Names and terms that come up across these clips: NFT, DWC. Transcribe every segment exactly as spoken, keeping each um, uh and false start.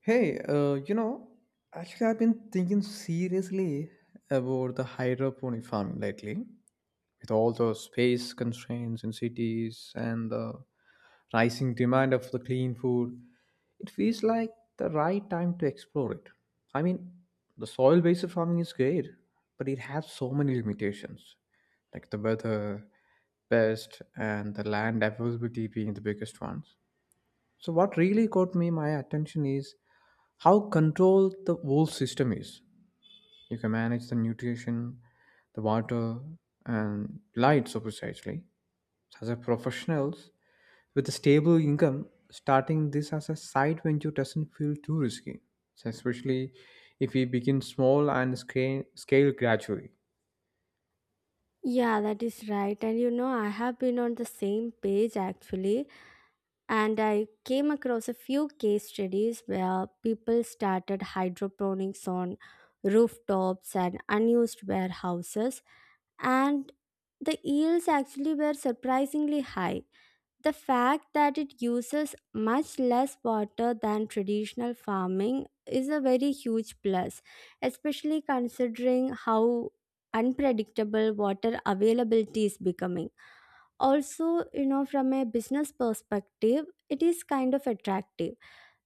Hey, uh, you know, actually, I've been thinking seriously about the hydroponic farming lately, with all the space constraints in cities and the rising demand of the clean food. It feels like the right time to explore it. I mean, the soil-based farming is great, but it has so many limitations, like the weather, pest, and the land availability being the biggest ones. So what really caught me my attention is how controlled the whole system is. You can manage the nutrition, the water, and light so precisely. As a professionals with a stable income, starting this as a side venture doesn't feel too risky, so especially if we begin small and scale, scale gradually. Yeah, that is right. And you know, I have been on the same page actually. And I came across a few case studies where people started hydroponics on rooftops and unused warehouses. And the yields actually were surprisingly high. The fact that it uses much less water than traditional farming is a very huge plus, especially considering how unpredictable water availability is becoming. Also, you know, from a business perspective, it is kind of attractive.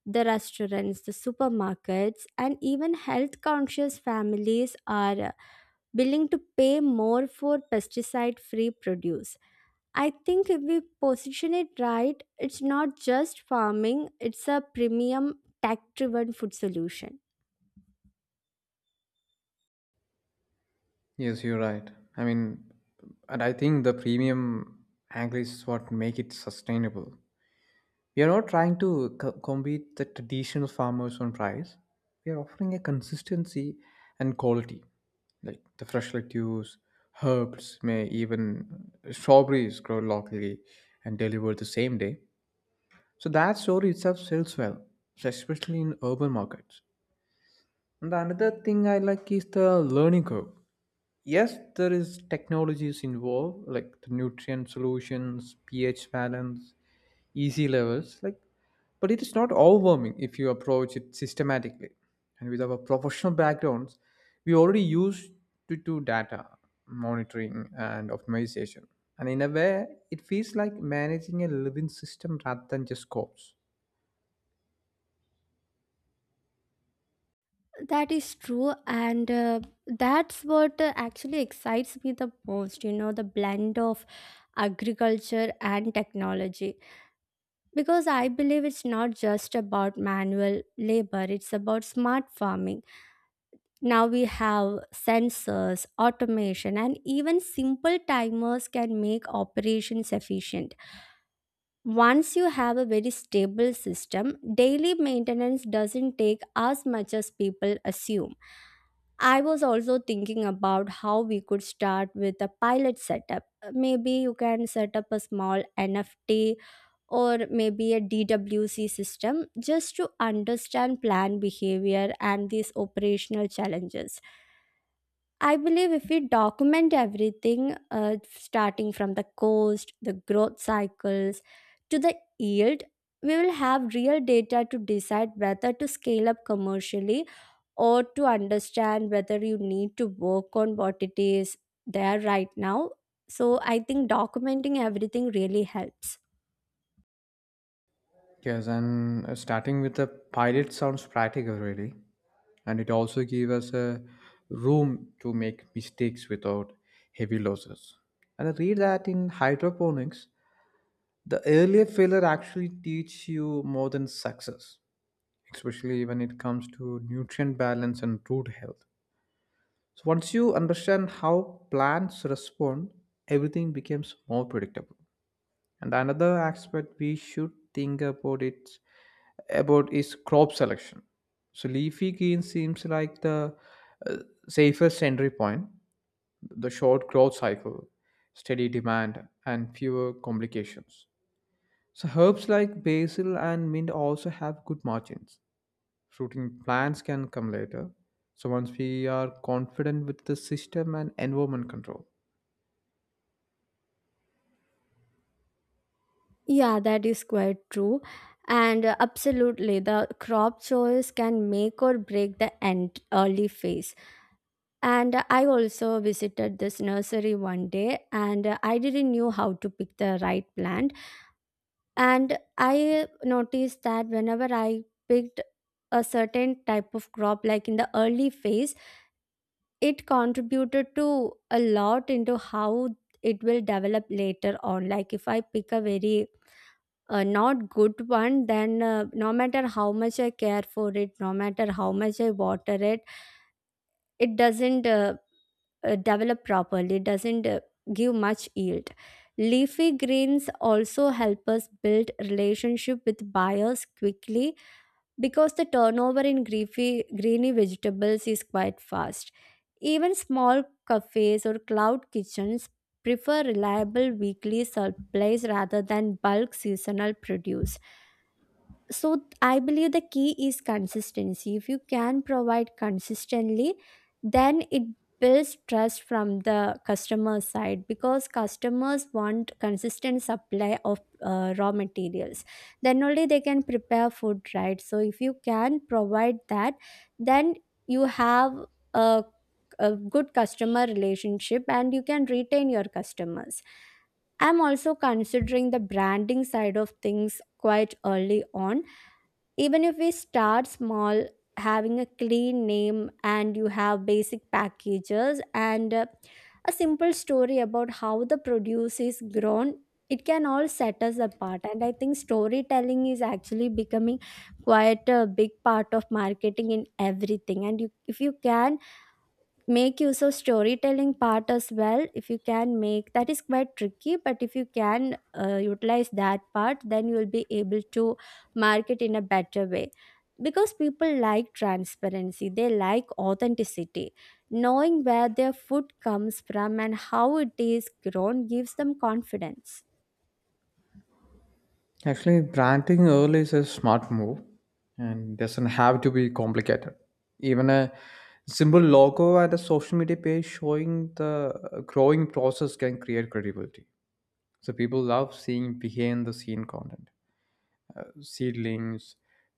The restaurants, the supermarkets, and even health conscious families are uh, willing to pay more for pesticide free produce. I think if we position it right, it's not just farming, it's a premium tech driven food solution. Yes, you're right. I mean, and I think the premium angle is what make it sustainable. We are not trying to co- compete the traditional farmers on price. We are offering a consistency and quality, like the fresh lettuce, herbs, may even strawberries grow locally and delivered the same day. So that story itself sells well, so especially in urban markets. And the another thing I like is the learning curve. Yes, there is technologies involved, like the nutrient solutions, pH balance, easy levels like, but it is not overwhelming if you approach it systematically, and with our professional backgrounds we already used to do data monitoring and optimization, and in a way it feels like managing a living system rather than just codes. That is true, and uh, that's what uh, actually excites me the most, you know, the blend of agriculture and technology. Because I believe it's not just about manual labor, it's about smart farming. Now we have sensors, automation, and even simple timers can make operations efficient. Once you have a very stable system, daily maintenance doesn't take as much as people assume. I was also thinking about how we could start with a pilot setup. Maybe you can set up a small N F T or maybe a D W C system just to understand plant behavior and these operational challenges. I believe if we document everything, uh, starting from the cost, the growth cycles, to the yield, we will have real data to decide whether to scale up commercially or to understand whether you need to work on what it is there right now. So I think documenting everything really helps. Yes, and uh, starting with the pilot sounds practical really, and it also gives us a room to make mistakes without heavy losses. And I read that in hydroponics the earlier failure actually teach you more than success, especially when it comes to nutrient balance and root health. So once you understand how plants respond, everything becomes more predictable. And another aspect we should think about it about is crop selection. So leafy green seems like the uh, safest entry point, the short growth cycle, steady demand and fewer complications. So herbs like basil and mint also have good margins. Fruiting plants can come later, so once we are confident with the system and environment control. Yeah, that is quite true. And uh, absolutely, the crop choice can make or break the end early phase. And uh, I also visited this nursery one day and uh, I didn't knew how to pick the right plant. And I noticed that whenever I picked a certain type of crop, like in the early phase, it contributed to a lot into how it will develop later on. Like if I pick a very a not good one, then uh, no matter how much I care for it, no matter how much I water it, it doesn't uh, uh, develop properly, doesn't uh, give much yield. Leafy greens also help us build relationship with buyers quickly because the turnover in greafy, greeny vegetables is quite fast. Even small cafes or cloud kitchens prefer reliable weekly supplies rather than bulk seasonal produce. So th- I believe the key is consistency. If you can provide consistently, then it builds trust from the customer side, because customers want consistent supply of uh, raw materials. Then only they can prepare food, right? So if you can provide that, then you have a, a good customer relationship and you can retain your customers. I'm also considering the branding side of things quite early on. Even if we start small, having a clean name and you have basic packages and uh, a simple story about how the produce is grown, it can all set us apart. And I think storytelling is actually becoming quite a big part of marketing in everything. And you, if you can make use of storytelling part as well, if you can make that, is quite tricky, but if you can uh, utilize that part, then you will be able to market in a better way, because people like transparency, they like authenticity. Knowing where their food comes from and how it is grown gives them confidence. Actually, planting early is a smart move and doesn't have to be complicated. Even a simple logo at a social media page showing the uh, growing process can create credibility. So people love seeing behind the scene content. Uh, seedlings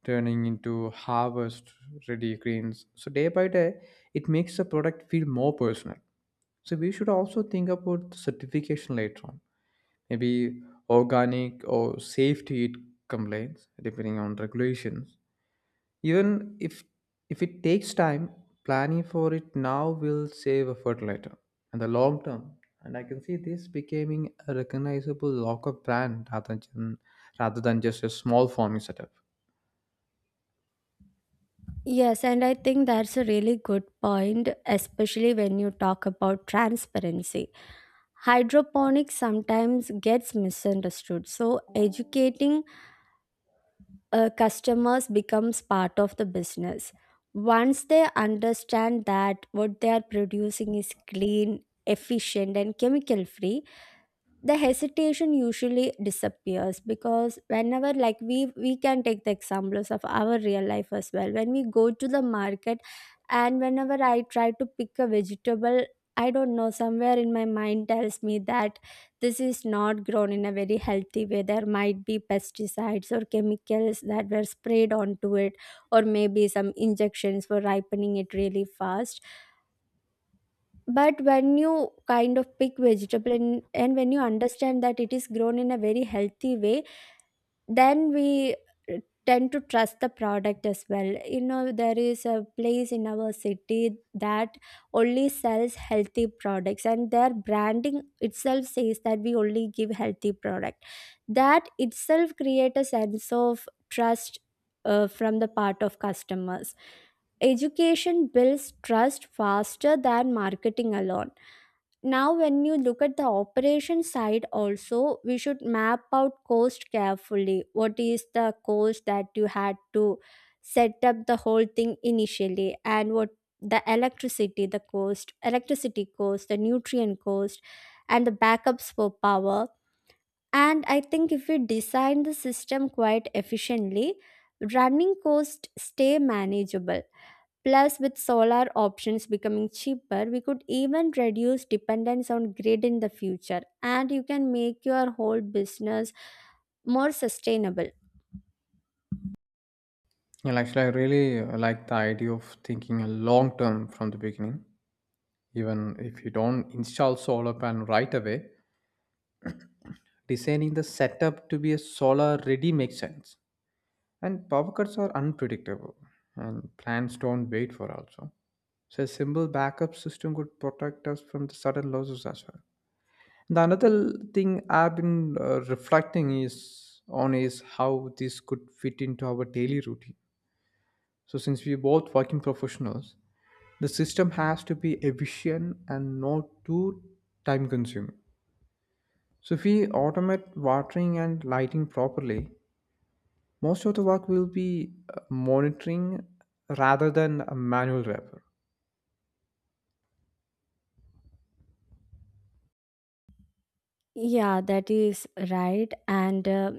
turning into harvest ready greens, so day by day it makes the product feel more personal. So we should also think about the certification later on, maybe organic or safe to eat complaints depending on regulations. Even if if it takes time, planning for it now will save effort later and the long term. And I can see this becoming a recognizable local brand rather than rather than just a small farming setup. Yes, and I think that's a really good point, especially when you talk about transparency. Hydroponics sometimes gets misunderstood, so educating uh, customers becomes part of the business. Once they understand that what they are producing is clean, efficient and chemical free, the hesitation usually disappears, because whenever, like, we we can take the examples of our real life as well. When we go to the market and whenever I try to pick a vegetable, I don't know, somewhere in my mind tells me that this is not grown in a very healthy way, there might be pesticides or chemicals that were sprayed onto it, or maybe some injections for ripening it really fast. But when you kind of pick vegetable, and, and when you understand that it is grown in a very healthy way, then we uh, tend to trust the product as well. You know, there is a place in our city that only sells healthy products and their branding itself says that we only give healthy product. That itself create a sense of trust uh, from the part of customers. Education builds trust faster than marketing alone. Now when you look at the operation side also, we should map out cost carefully. What is the cost that you had to set up the whole thing initially, and what the electricity, the cost, electricity cost, the nutrient cost, and the backups for power. And I think if we design the system quite efficiently, running costs stay manageable. Plus, with solar options becoming cheaper, we could even reduce dependence on grid in the future, and you can make your whole business more sustainable. Well, actually, I really like the idea of thinking a long term from the beginning. Even if you don't install solar panel right away, designing the setup to be a solar ready makes sense. And power cuts are unpredictable, and plans don't wait for also. So a simple backup system could protect us from the sudden losses as well. The another thing I've been uh, reflecting is on is how this could fit into our daily routine. So since we both working professionals, the system has to be efficient and not too time consuming. So if we automate watering and lighting properly, most of the work will be uh, monitoring rather than a manual labor. Yeah, that is right. And uh,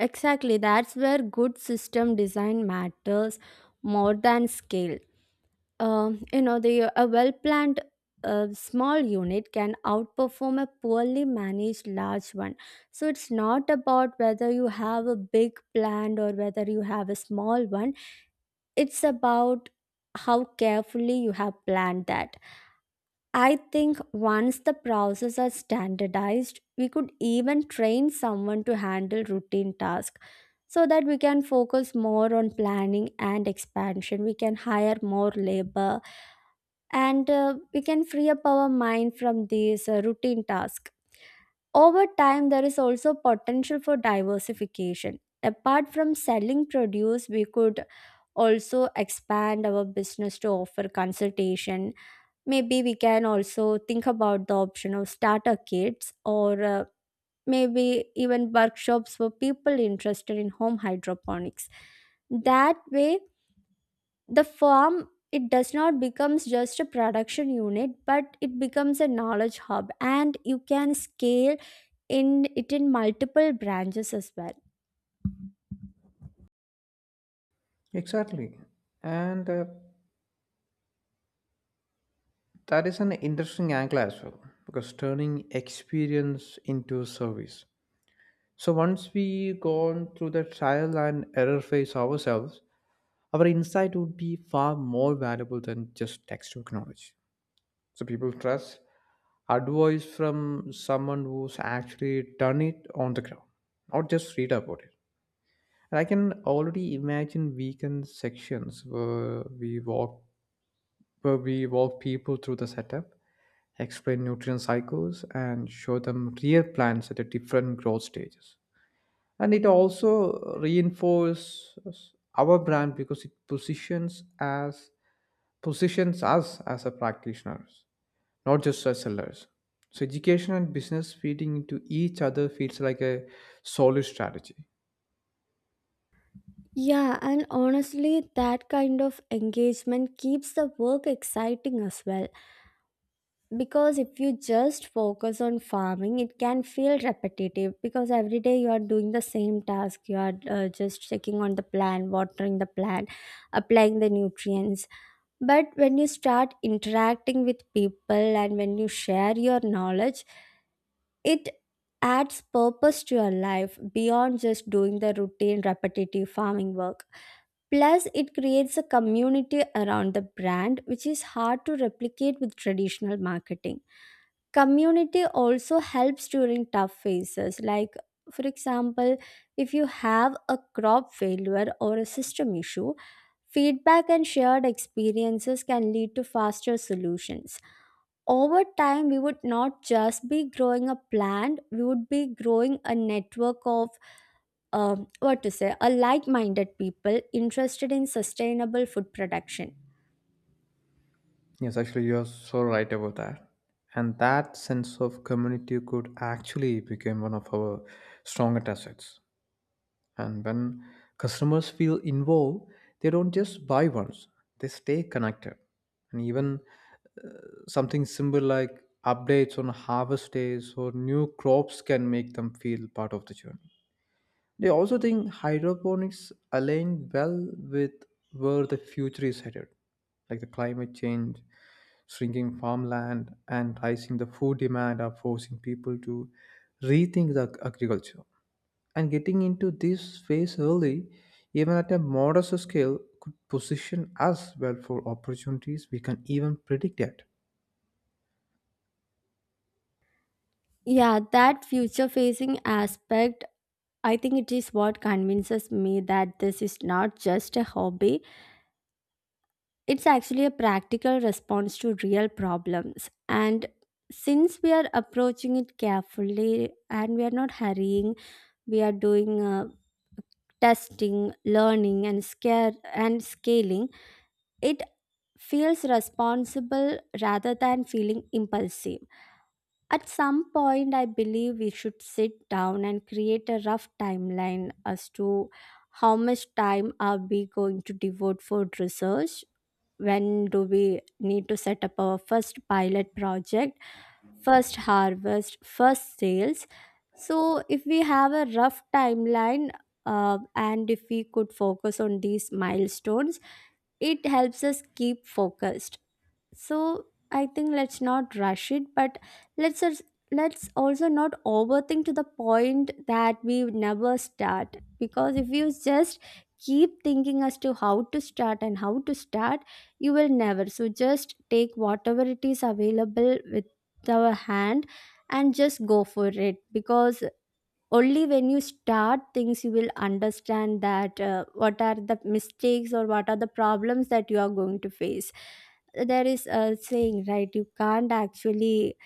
exactly, that's where good system design matters more than scale. Um, you know, the a well planned uh, small unit can outperform a poorly managed large one. So it's not about whether you have a big plan or whether you have a small one, it's about how carefully you have planned that. I think once the processes are standardized, we could even train someone to handle routine tasks, so that we can focus more on planning and expansion. We can hire more labor and uh, we can free up our mind from these uh, routine tasks. Over time, there is also potential for diversification. Apart from selling produce, we could also expand our business to offer consultation. Maybe we can also think about the option of starter kits or uh, maybe even workshops for people interested in home hydroponics. That way, the farm it does not becomes just a production unit, but it becomes a knowledge hub and you can scale in it in multiple branches as well. Exactly. And uh, that is an interesting angle as well, because turning experience into service. So once we gone through the trial and error phase ourselves, our insight would be far more valuable than just textbook knowledge. So people trust advice from someone who's actually done it on the ground, not just read about it. And I can already imagine weekend sections where we walk where we walk people through the setup, explain nutrient cycles, and show them real plants at the different growth stages. And it also reinforces our brand because it positions as positions us as a practitioners, not just as sellers. So education and business feeding into each other feels like a solid strategy. Yeah, and honestly, that kind of engagement keeps the work exciting as well, because if you just focus on farming, it can feel repetitive, because every day you are doing the same task. You are uh, just checking on the plant, watering the plant, applying the nutrients. But when you start interacting with people and when you share your knowledge, it adds purpose to your life beyond just doing the routine repetitive farming work. Plus it creates a community around the brand, which is hard to replicate with traditional marketing. Community also helps during tough phases, like for example, if you have a crop failure or a system issue, feedback and shared experiences can lead to faster solutions. Over time, we would not just be growing a plant, we would be growing a network of um, what to say, a like-minded people interested in sustainable food production. Yes, actually, you're so right about that. And that sense of community could actually become one of our strongest assets. And when customers feel involved, they don't just buy once, they stay connected. And even something simple like updates on harvest days or new crops can make them feel part of the journey. They also think hydroponics align well with where the future is headed, like the climate change, shrinking farmland, and rising the food demand are forcing people to rethink the ag- agriculture. And getting into this phase early, even at a modest scale, could position us well for opportunities we can even predict yet. Yeah, that future facing aspect, I think it is what convinces me that this is not just a hobby, it's actually a practical response to real problems. And since we are approaching it carefully and we are not hurrying, we are doing uh, testing, learning, and scare and scaling, it feels responsible rather than feeling impulsive. At some point, I believe we should sit down and create a rough timeline as to how much time are we going to devote for research, when do we need to set up our first pilot project, first harvest, first sales. So, if we have a rough timeline uh, and if we could focus on these milestones, it helps us keep focused. So I think let's not rush it, but let's als- let's also not overthink to the point that we would never start. Because if you just keep thinking as to how to start and how to start, you will never. So just take whatever it is available with our hand and just go for it, because only when you start things you will understand that uh, what are the mistakes or what are the problems that you are going to face. There is a saying, right? You can't actually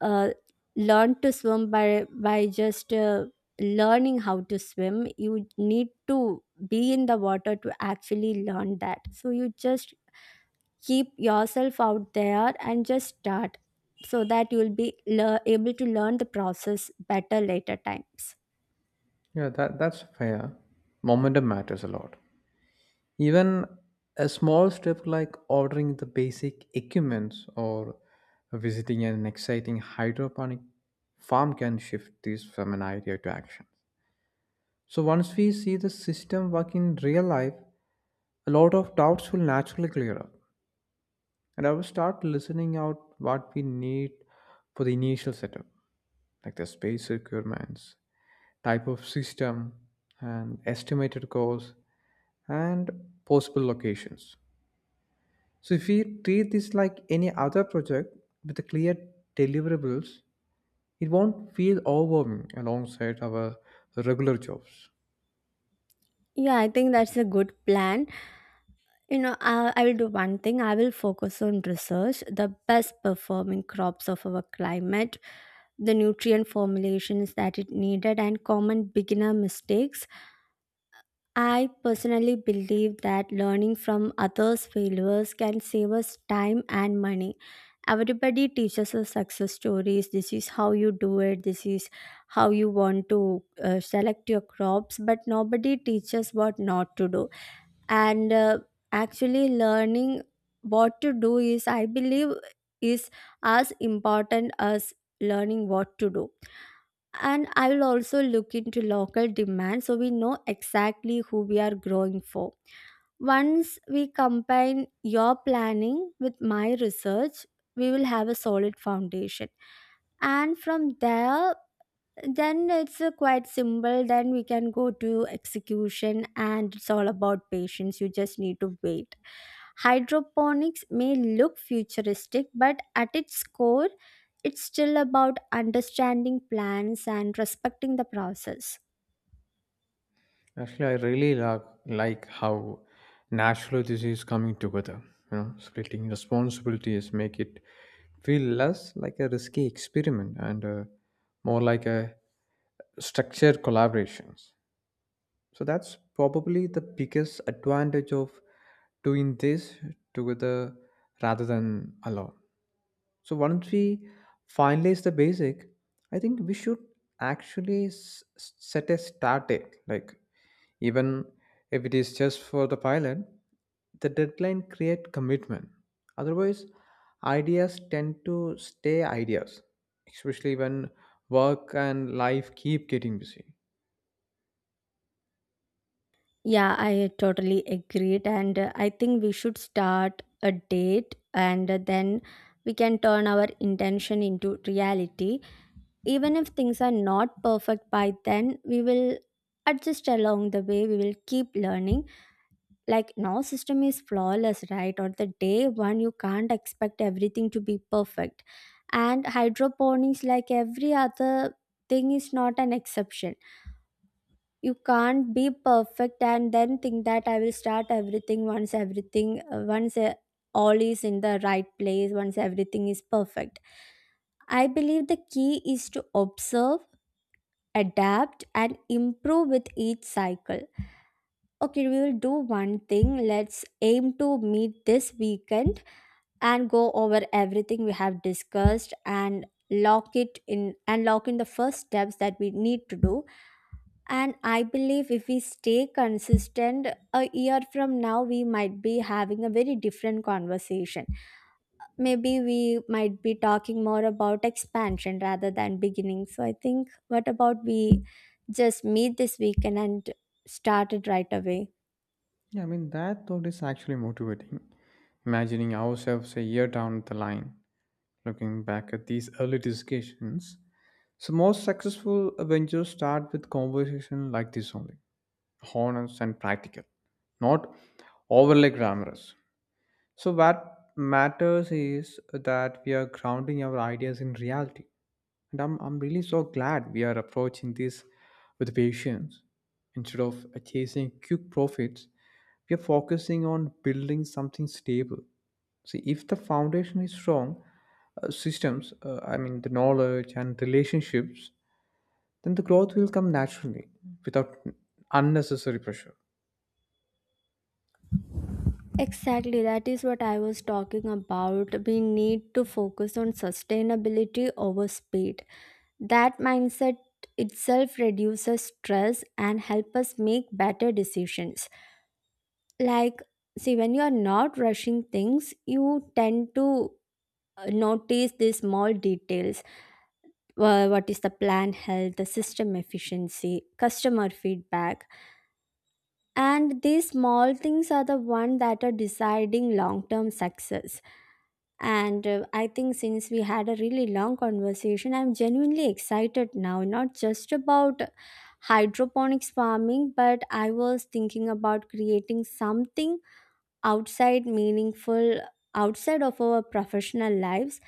uh, learn to swim by by just uh, learning how to swim. You need to be in the water to actually learn that. So you just keep yourself out there and just start, so that you will be lear able to learn the process better later times. Yeah, that, that's fair. Momentum matters a lot. Even a small step like ordering the basic equipment or visiting an exciting hydroponic farm can shift this from an idea to action. So once we see the system work in real life, a lot of doubts will naturally clear up. And I will start listening out what we need for the initial setup, like the space requirements, type of system, and estimated cost, and possible locations. So if we treat this like any other project with the clear deliverables, it won't feel overwhelming alongside our regular jobs. Yeah, I think that's a good plan. You know, I, I will do one thing. I will focus on research, the best performing crops of our climate, the nutrient formulations that it needed, and common beginner mistakes. I personally believe that learning from others' failures can save us time and money. Everybody teaches us success stories. This is how you do it. This is how you want to uh, select your crops, but nobody teaches what not to do and uh, actually learning what to do is I believe is as important as learning what to do. And I will also look into local demand, so we know exactly who we are growing for. Once we combine your planning with my research, we will have a solid foundation, and from there, then it's a quite simple. Then we can go to execution, and it's all about patience. You just need to wait. Hydroponics may look futuristic, but at its core, it's still about understanding plants and respecting the process. Actually, I really like, like how natural this is coming together. You know, splitting responsibilities make it feel less like a risky experiment and uh, more like a structured collaborations. So that's probably the biggest advantage of doing this together rather than alone. So once we finalize the basic, I think we should actually s- s- set a start date. Like even if it is just for the pilot, the deadline create commitment. Otherwise, ideas tend to stay ideas, especially when work and life keep getting busy. Yeah, I totally agreed. And uh, I think we should start a date, and uh, then we can turn our intention into reality. Even if things are not perfect by then, we will adjust along the way. We will keep learning. Like, no system is flawless right on the day one. You can't expect everything to be perfect, and hydroponics, like every other thing, is not an exception. You can't be perfect and then think that I will start everything once everything uh, once uh, all is in the right place, once everything is perfect. I believe the key is to observe, adapt, and improve with each cycle. Okay, we will do one thing. Let's aim to meet this weekend and go over everything we have discussed, and lock it in, and lock in the first steps that we need to do. And I believe if we stay consistent, a year from now we might be having a very different conversation. Maybe we might be talking more about expansion rather than beginning. So I think, what about we just meet this weekend and start it right away? Yeah, I mean, that thought is actually motivating. Imagining ourselves a year down the line, looking back at these early discussions. So, most successful ventures start with conversation like this only, honest and practical, not overly glamorous. So what matters is that we are grounding our ideas in reality. And I'm, I'm really so glad we are approaching this with patience. Instead of chasing quick profits, we are focusing on building something stable. See, if the foundation is strong, uh, systems, uh, I mean, the knowledge and relationships, then the growth will come naturally without unnecessary pressure. Exactly, that is what I was talking about. We need to focus on sustainability over speed. That mindset itself reduces stress and help us make better decisions. Like, see, when you are not rushing things, you tend to uh, notice these small details. Wha- what is the plan health, the system efficiency, customer feedback. And these small things are the one that are deciding long-term success. And uh, I think since we had a really long conversation, I'm genuinely excited now, not just about hydroponics farming, but I was thinking about creating something outside meaningful, outside of our professional lives.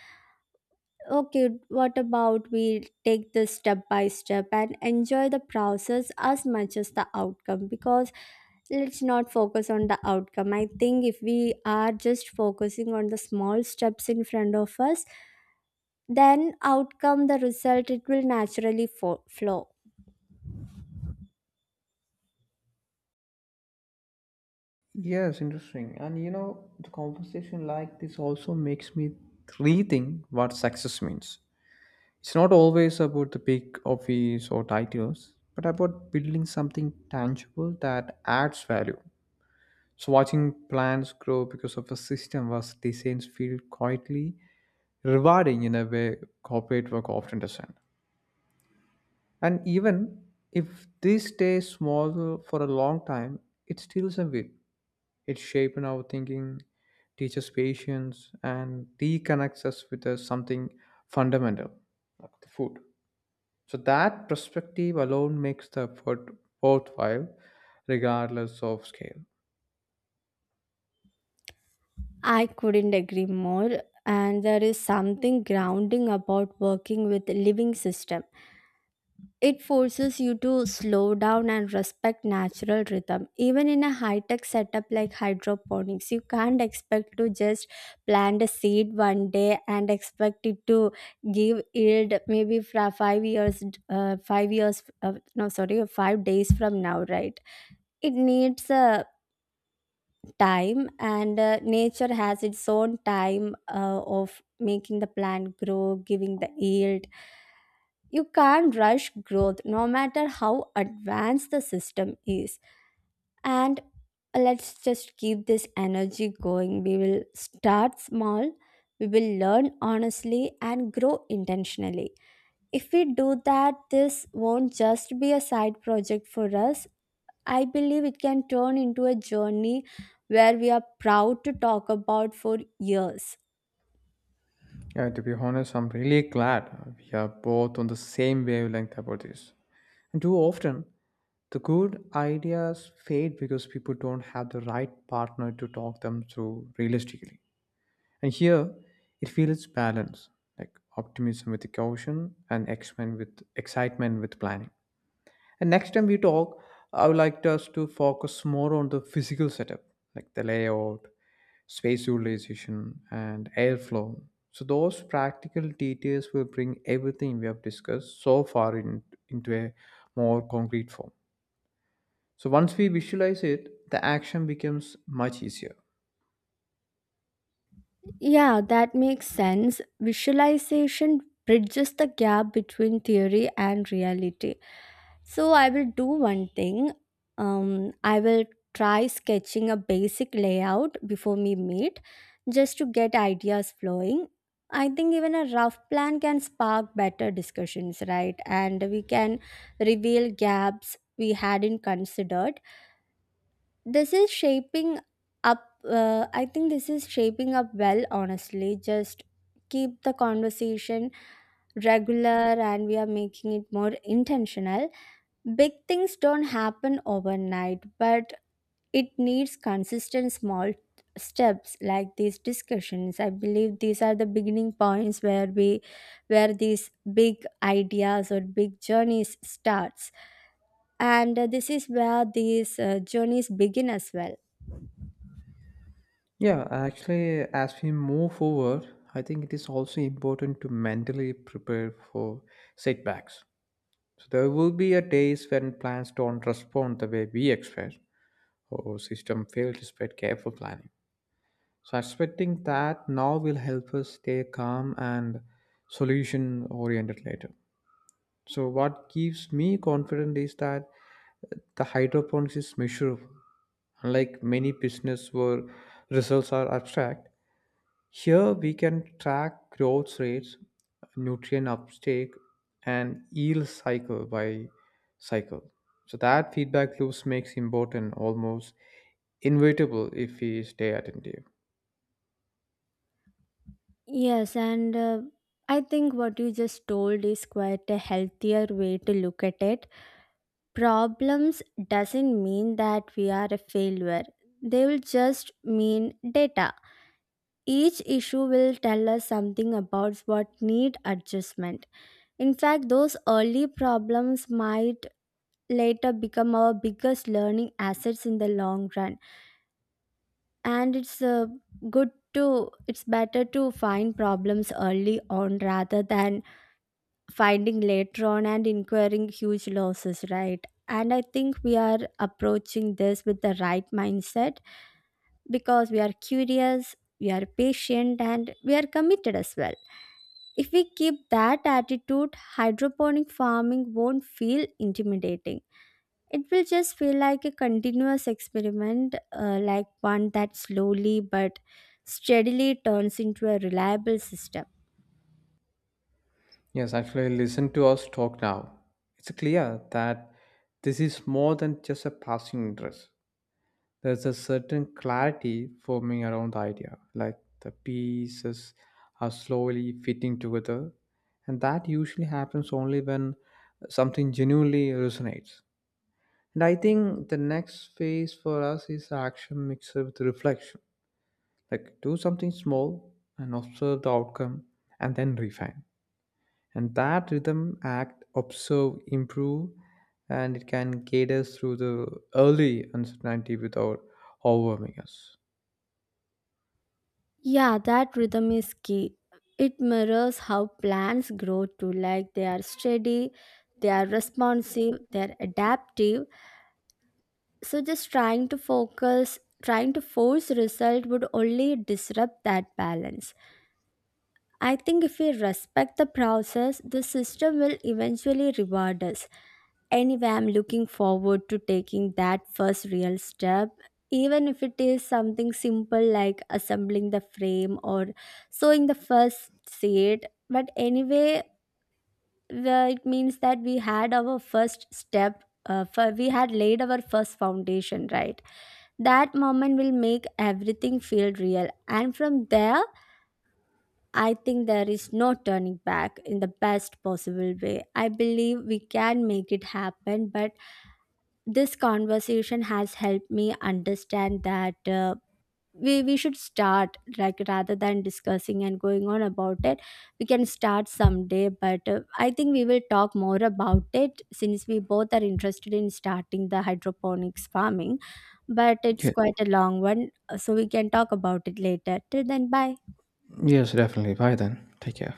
Okay, what about we take this step by step and enjoy the process as much as the outcome? Because let's not focus on the outcome. I think if we are just focusing on the small steps in front of us, then outcome, the result, it will naturally fo- flow. Yes, interesting. And you know, the conversation like this also makes me rethink what success means. It's not always about the big office or titles, but about building something tangible that adds value. So watching plants grow because of a system was designs feel quietly rewarding in a way corporate work often doesn't. And even if this stays small for a long time, it still a win. It shapes our thinking, teaches patience, and reconnects us with uh, something fundamental, like the food. So that perspective alone makes the effort worthwhile, regardless of scale. I couldn't agree more. And there is something grounding about working with living system. It forces you to slow down and respect natural rhythm. Even in a high tech setup like hydroponics, you can't expect to just plant a seed one day and expect it to give yield maybe for five years, uh, five years, uh, no, sorry, five days from now, right? It needs uh, time, and uh, nature has its own time uh, of making the plant grow, giving the yield. You can't rush growth no matter how advanced the system is. And let's just keep this energy going. We will start small, we will learn honestly, and grow intentionally. If we do that, this won't just be a side project for us. I believe it can turn into a journey where we are proud to talk about for years. Yeah, to be honest, I'm really glad we are both on the same wavelength about this. And too often, the good ideas fade because people don't have the right partner to talk them through realistically. And here, it feels balanced, like optimism with caution and excitement with excitement with planning. And next time we talk, I would like us to focus more on the physical setup, like the layout, space utilization, and airflow. So those practical details will bring everything we have discussed so far in, into a more concrete form. So once we visualize it, the action becomes much easier. Yeah, that makes sense. Visualization bridges the gap between theory and reality. So I will do one thing. Um, I will try sketching a basic layout before we meet, just to get ideas flowing. I think even a rough plan can spark better discussions, right? And we can reveal gaps we hadn't considered. This is shaping up uh, i think this is shaping up well, honestly. Just keep the conversation regular, and we are making it more intentional. Big things don't happen overnight, but it needs consistent small steps. Like these discussions, I believe these are the beginning points where we where these big ideas or big journeys starts, and uh, this is where these uh, journeys begin as well. Yeah, actually, as we move forward, I think it is also important to mentally prepare for setbacks. So there will be a days when plants don't respond the way we expect, or system fail despite careful planning. So expecting that now will help us stay calm and solution oriented later. So what gives me confidence is that the hydroponics is measurable. Unlike many business where results are abstract, here we can track growth rates, nutrient uptake, and yield cycle by cycle. So that feedback loops makes important almost inevitable if we stay attentive. Yes, and uh, I think what you just told is quite a healthier way to look at it. Problems doesn't mean that we are a failure. They will just mean data. Each issue will tell us something about what need adjustment. In fact, those early problems might later become our biggest learning assets in the long run. And it's uh, good to it's better to find problems early on rather than finding later on and incurring huge losses, right? And I think we are approaching this with the right mindset, because we are curious, we are patient, and we are committed as well. If we keep that attitude, hydroponic farming won't feel intimidating. It will just feel like a continuous experiment, uh, like one that slowly but steadily turns into a reliable system. Yes, actually listen to us talk now. It's clear that this is more than just a passing interest. There's a certain clarity forming around the idea, like the pieces are slowly fitting together. And that usually happens only when something genuinely resonates. And I think the next phase for us is action mixed with reflection. Like do something small and observe the outcome and then refine. And that rhythm act, observe, improve, and it can guide us through the early uncertainty without overwhelming us. Yeah, that rhythm is key. It mirrors how plants grow too. Like, they are steady, they are responsive, they are adaptive. So just trying to focus, trying to force result would only disrupt that balance. I think if we respect the process, the system will eventually reward us. Anyway, I'm looking forward to taking that first real step, even if it is something simple like assembling the frame or sewing the first seat. But anyway, the- it means that we had our first step. Uh, for we had laid our first foundation, right? That moment will make everything feel real, and from there I think there is no turning back, in the best possible way. I believe we can make it happen. But this conversation has helped me understand that uh, we, we should start, like, rather than discussing and going on about it, we can start someday. But uh, I think we will talk more about it since we both are interested in starting the hydroponics farming, but it's Yeah. quite a long one, uh, so we can talk about it later. Till then, bye. Yes, definitely. Bye then. Take care.